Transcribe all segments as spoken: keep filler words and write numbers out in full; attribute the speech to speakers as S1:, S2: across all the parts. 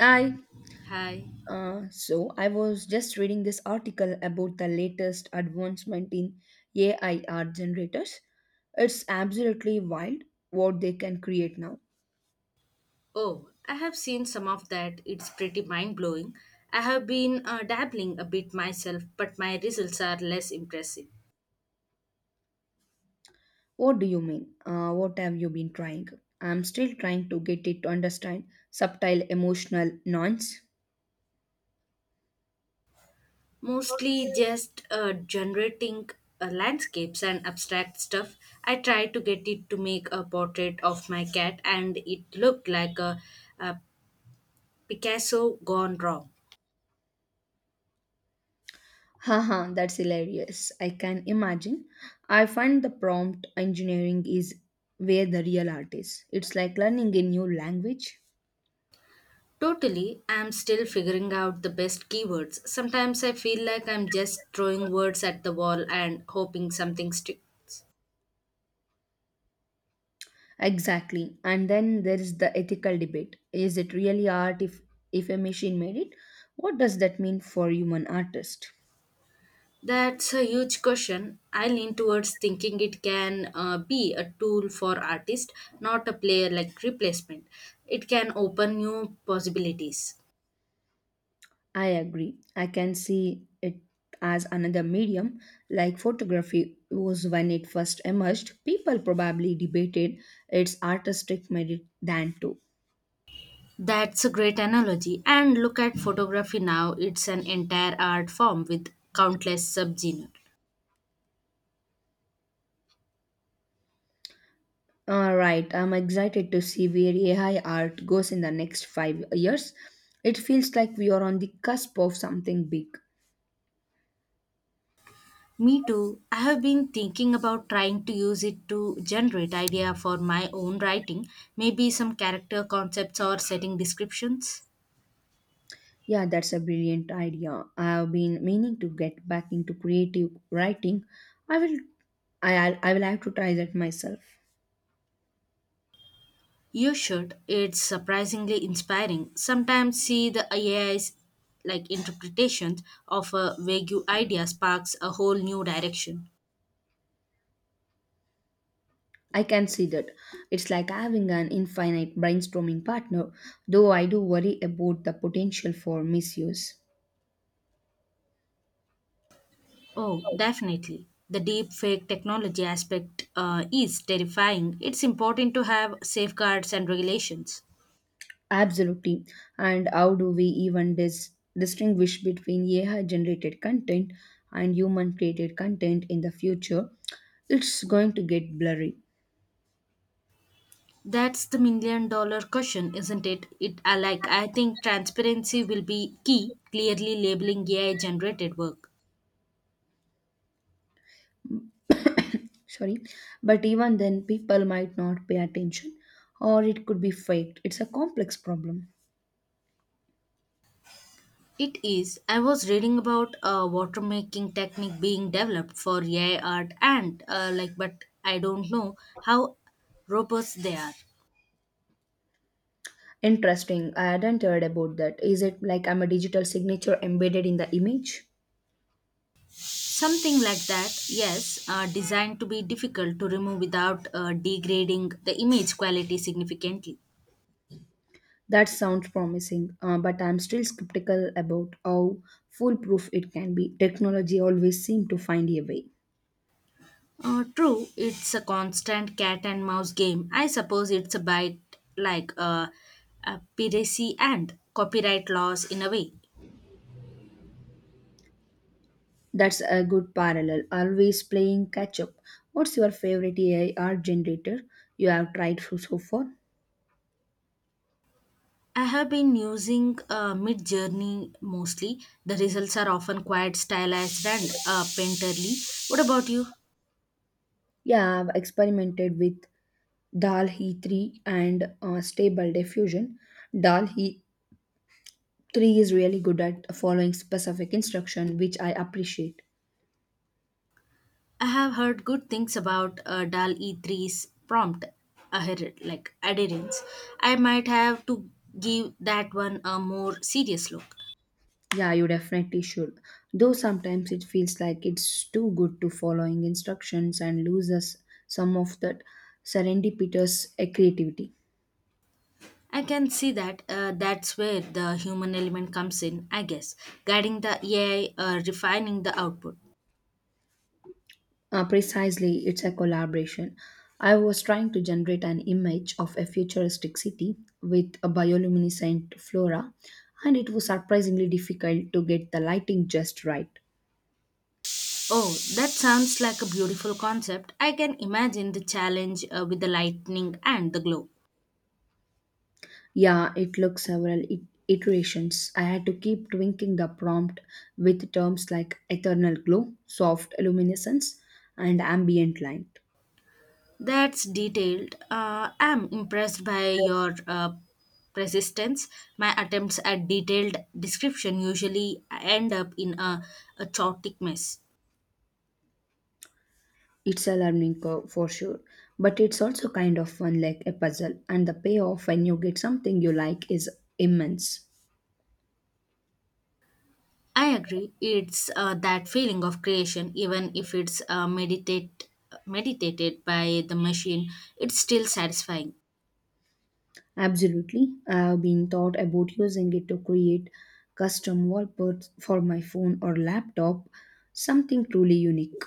S1: I
S2: Hi.
S1: uh, so I was just reading this article about the latest advancement in A I art generators. It's absolutely wild what they can create now.
S2: Oh, I have seen some of that. It's pretty mind blowing. I have been uh, dabbling a bit myself, but my results are less impressive.
S1: What do you mean? Uh, what have you been trying? I'm still trying to get it to understand subtle emotional nuance.
S2: Mostly just uh, generating uh, landscapes and abstract stuff. I tried to get it to make a portrait of my cat, and it looked like a, a Picasso gone wrong.
S1: Haha, that's hilarious. I can imagine. I find the prompt engineering is where the real art is. It's like learning a new language.
S2: Totally, I'm still figuring out the best keywords. Sometimes I feel like I'm just throwing words at the wall and hoping something sticks.
S1: Exactly. And then there is the ethical debate. Is it really art if, if a machine made it? What does that mean for human artist?
S2: That's a huge question. I lean towards thinking it can uh, be a tool for artists, not a player like replacement. It can open new possibilities.
S1: I agree. I can see it as another medium, like photography was when it first emerged. People probably debated its artistic merit than too.
S2: That's a great analogy. And look at photography now, it's an entire art form with countless subgenres.
S1: All right, I'm excited to see where A I art goes in the next five years. It feels like we are on the cusp of something big.
S2: Me too. I have been thinking about trying to use it to generate idea for my own writing, maybe some character concepts or setting descriptions.
S1: Yeah, that's a brilliant idea. I have been meaning to get back into creative writing. I will I, I'll- I will have to try that myself.
S2: You should. It's surprisingly inspiring. Sometimes see the A I's like interpretations of a vague idea sparks a whole new direction.
S1: I can see that. It's like having an infinite brainstorming partner, though I do worry about the potential for misuse.
S2: Oh, definitely. The deep fake technology aspect uh, is terrifying. It's important to have safeguards and regulations.
S1: Absolutely. And how do we even dis- distinguish between A I generated content and human created content in the future? It's going to get blurry.
S2: That's the million dollar question, isn't it? It I like I think transparency will be key, clearly labeling A I generated work.
S1: Sorry, but even then people might not pay attention, or it could be faked. It's a complex problem.
S2: It is. I was reading about a water making technique being developed for A I art and uh, like, but I don't know how robust they are.
S1: Interesting, I hadn't heard about that. Is it like I'm a digital signature embedded in the image?
S2: Something like that, yes, uh, designed to be difficult to remove without uh, degrading the image quality significantly.
S1: That sounds promising, uh, but I'm still skeptical about how foolproof it can be. Technology always seems to find a way.
S2: Uh, true, it's a constant cat and mouse game. I suppose it's a bite like uh, piracy and copyright laws in a way.
S1: That's a good parallel, always playing catch up. What's your favorite AI art generator you have tried so so far?
S2: I have been using uh, Mid Journey mostly. The results are often quite stylized and uh, painterly. What about you?
S1: Yeah, I've experimented with Dal He three and uh, Stable Diffusion. Dal He three is really good at following specific instruction, which I appreciate.
S2: I have heard good things about uh, D A L E three's prompt adher- like adherence. I might have to give that one a more serious look.
S1: Yeah, you definitely should. Though sometimes it feels like it's too good to following instructions and loses some of that serendipitous uh, creativity.
S2: I can see that uh, that's where the human element comes in, I guess, guiding the A I, uh, refining the output.
S1: Uh, precisely, it's a collaboration. I was trying to generate an image of a futuristic city with a bioluminescent flora, and it was surprisingly difficult to get the lighting just right.
S2: Oh, that sounds like a beautiful concept. I can imagine the challenge uh, with the lightning and the glow.
S1: Yeah, it took several it- iterations. I had to keep tweaking the prompt with terms like eternal glow, soft luminescence, and ambient light.
S2: That's detailed. Uh, I'm impressed by your uh, persistence. My attempts at detailed description usually end up in a, a chaotic mess.
S1: It's a learning curve for sure, but it's also kind of fun like a puzzle, and the payoff when you get something you like is immense.
S2: I agree. It's uh, that feeling of creation, even if it's uh, meditate meditated by the machine. It's still satisfying.
S1: Absolutely, I've been thought about using it to create custom wallpapers for my phone or laptop, something truly unique.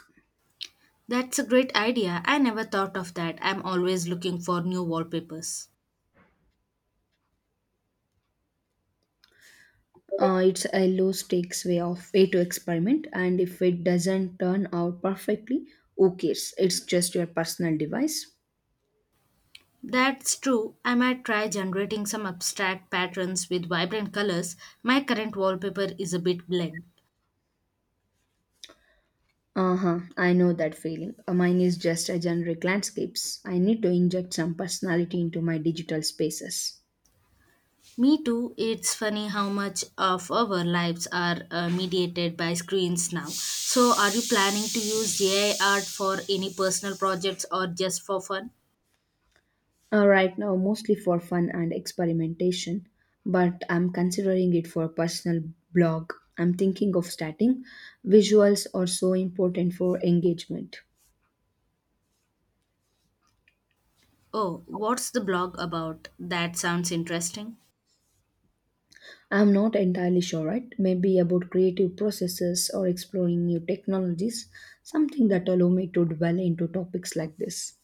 S2: That's a great idea. I never thought of that. I'm always looking for new wallpapers.
S1: Uh, it's a low stakes way of way to experiment, and if it doesn't turn out perfectly, who cares? It's just your personal device.
S2: That's true. I might try generating some abstract patterns with vibrant colors. My current wallpaper is a bit bland.
S1: Uh huh, I know that feeling. Uh, Mine is just a generic landscapes. I need to inject some personality into my digital spaces.
S2: Me too. It's funny how much of our lives are uh, mediated by screens now. So, are you planning to use A I art for any personal projects or just for fun?
S1: Uh, right now, mostly for fun and experimentation, but I'm considering it for a personal blog I'm thinking of starting. Visuals are so important for engagement.
S2: Oh, what's the blog about? That sounds interesting.
S1: I'm not entirely sure, right? Maybe about creative processes or exploring new technologies, something that allow me to dwell into topics like this.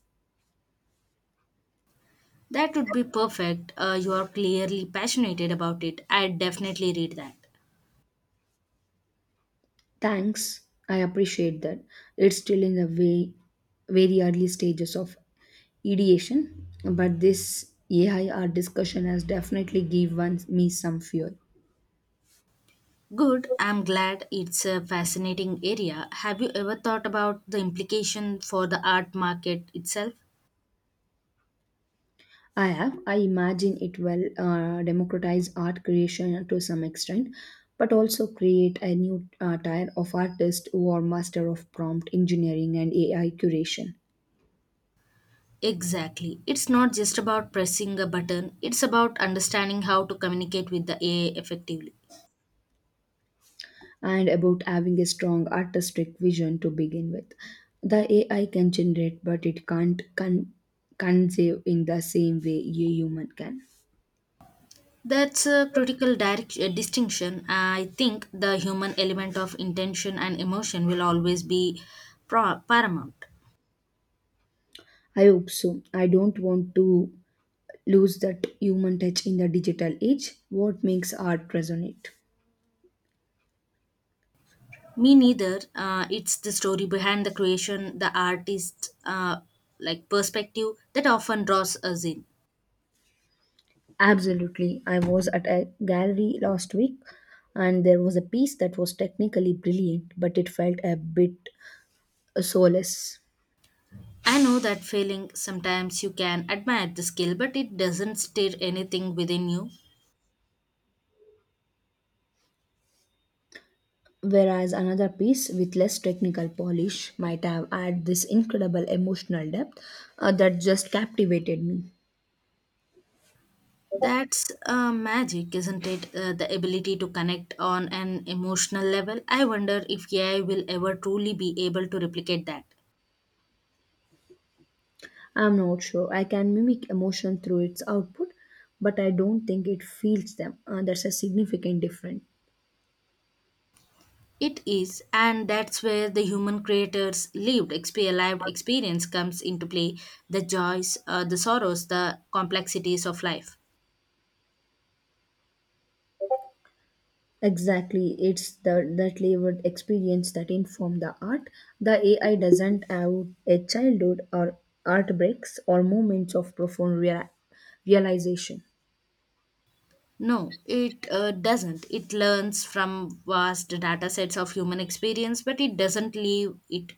S2: That would be perfect. Uh, you are clearly passionate about it. I'd definitely read that.
S1: Thanks, I appreciate that. It's still in the way, very early stages of ideation, but this A I art discussion has definitely given me some fuel.
S2: Good. I'm glad it's a fascinating area. Have you ever thought about the implication for the art market itself?
S1: I have. I imagine it will uh, democratize art creation to some extent, but also create a new uh, tier of artists who are master of prompt engineering and A I curation.
S2: Exactly. It's not just about pressing a button, it's about understanding how to communicate with the A I effectively.
S1: And about having a strong artistic vision to begin with. The A I can generate, but it can't con- conceive in the same way a human can.
S2: That's a critical direct, uh, distinction. I think the human element of intention and emotion will always be pro- paramount.
S1: I hope so. I don't want to lose that human touch in the digital age. What makes art resonate?
S2: Me neither. Uh, it's the story behind the creation, the artist, uh, like perspective that often draws us in.
S1: Absolutely. I was at a gallery last week and there was a piece that was technically brilliant, but it felt a bit soulless.
S2: I know that feeling. Sometimes you can admire the skill, but it doesn't stir anything within you.
S1: Whereas another piece with less technical polish might have had this incredible emotional depth uh, that just captivated me.
S2: That's uh, magic, isn't it? Uh, the ability to connect on an emotional level. I wonder if A I will ever truly be able to replicate that.
S1: I'm not sure. I can mimic emotion through its output, but I don't think it feels them. Uh, that's a significant difference.
S2: It is, and that's where the human creator's lived, exp- lived experience comes into play the joys, uh, the sorrows, the complexities of life.
S1: Exactly, it's the that layered experience that inform the art. The A I doesn't have a childhood or art breaks or moments of profound rea- realization.
S2: No, it uh, doesn't. It learns from vast data sets of human experience, but it doesn't leave it.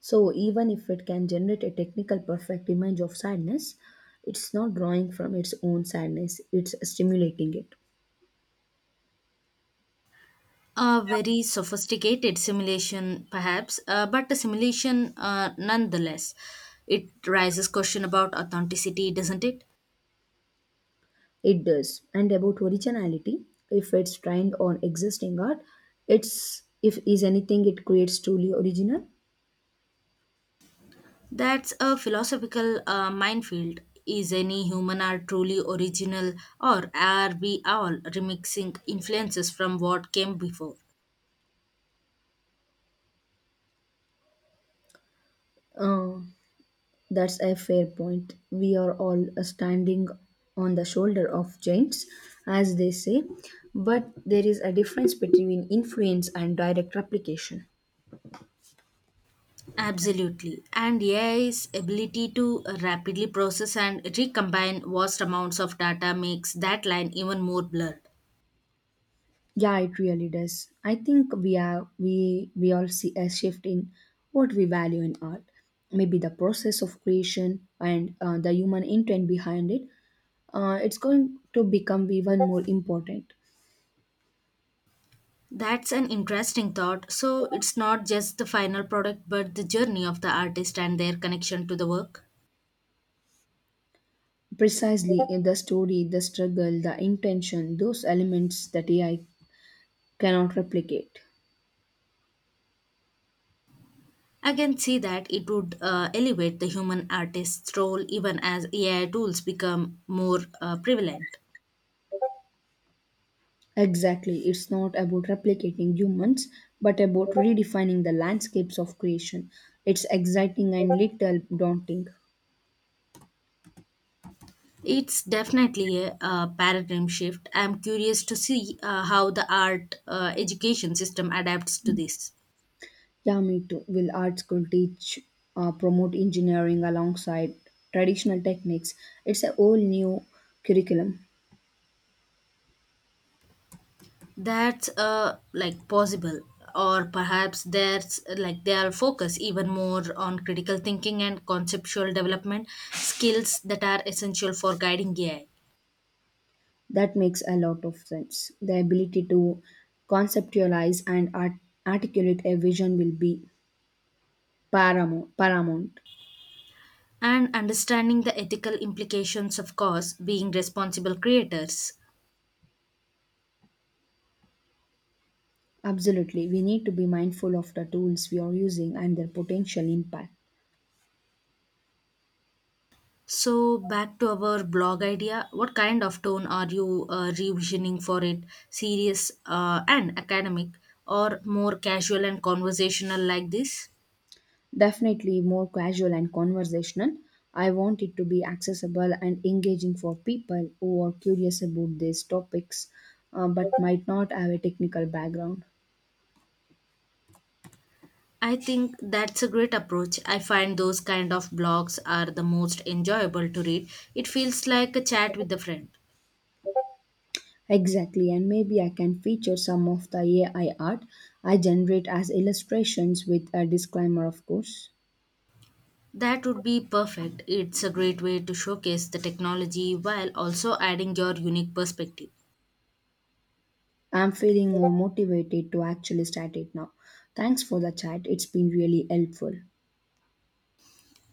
S1: So even if it can generate a technical perfect image of sadness, it's not drawing from its own sadness, it's stimulating it.
S2: A very sophisticated simulation, perhaps, uh, but a simulation uh, nonetheless. It raises question about authenticity, doesn't it?
S1: It does. And about originality, if it's trained on existing art, it's if is anything it creates truly original.
S2: That's a philosophical uh, minefield. Is any human art truly original, or are we all remixing influences from what came before?
S1: Uh, that's a fair point. We are all uh, standing on the shoulder of giants, as they say, but there is a difference between influence and direct replication.
S2: Absolutely. And A I's ability to rapidly process and recombine vast amounts of data makes that line even more blurred.
S1: Yeah, it really does. I think we are we we all see a shift in what we value in art. Maybe the process of creation and uh, the human intent behind it. Uh, it's going to become even more important.
S2: That's an interesting thought. So it's not just the final product, but the journey of the artist and their connection to the work.
S1: Precisely in the story, the struggle, the intention, those elements that A I cannot replicate.
S2: I can see that it would uh, elevate the human artist's role even as A I tools become more uh, prevalent.
S1: Exactly, it's not about replicating humans, but about redefining the landscapes of creation. It's exciting and little daunting.
S2: It's definitely a, uh paradigm shift. I'm curious to see uh, how the art uh, education system adapts to this.
S1: Yeah, me too. Will art school teach, uh, promote engineering alongside traditional techniques? It's a whole new curriculum.
S2: That's uh, like possible, or perhaps there's uh, like their focus even more on critical thinking and conceptual development skills that are essential for guiding A I.
S1: That makes a lot of sense. The ability to conceptualize and art- articulate a vision will be paramount. paramount.
S2: And understanding the ethical implications of course being responsible creators.
S1: Absolutely. We need to be mindful of the tools we are using and their potential impact.
S2: So back to our blog idea, what kind of tone are you uh, revisioning for it? Serious uh, and academic, or more casual and conversational like this?
S1: Definitely more casual and conversational. I want it to be accessible and engaging for people who are curious about these topics, uh, but might not have a technical background.
S2: I think that's a great approach. I find those kind of blogs are the most enjoyable to read. It feels like a chat with a friend.
S1: Exactly, and maybe I can feature some of the A I art I generate as illustrations with a disclaimer, of course.
S2: That would be perfect. It's a great way to showcase the technology while also adding your unique perspective.
S1: I'm feeling more motivated to actually start it now. Thanks for the chat, it's been really helpful.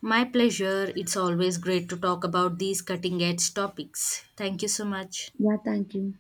S2: My pleasure. It's always great to talk about these cutting edge topics. Thank you so much.
S1: Yeah, thank you.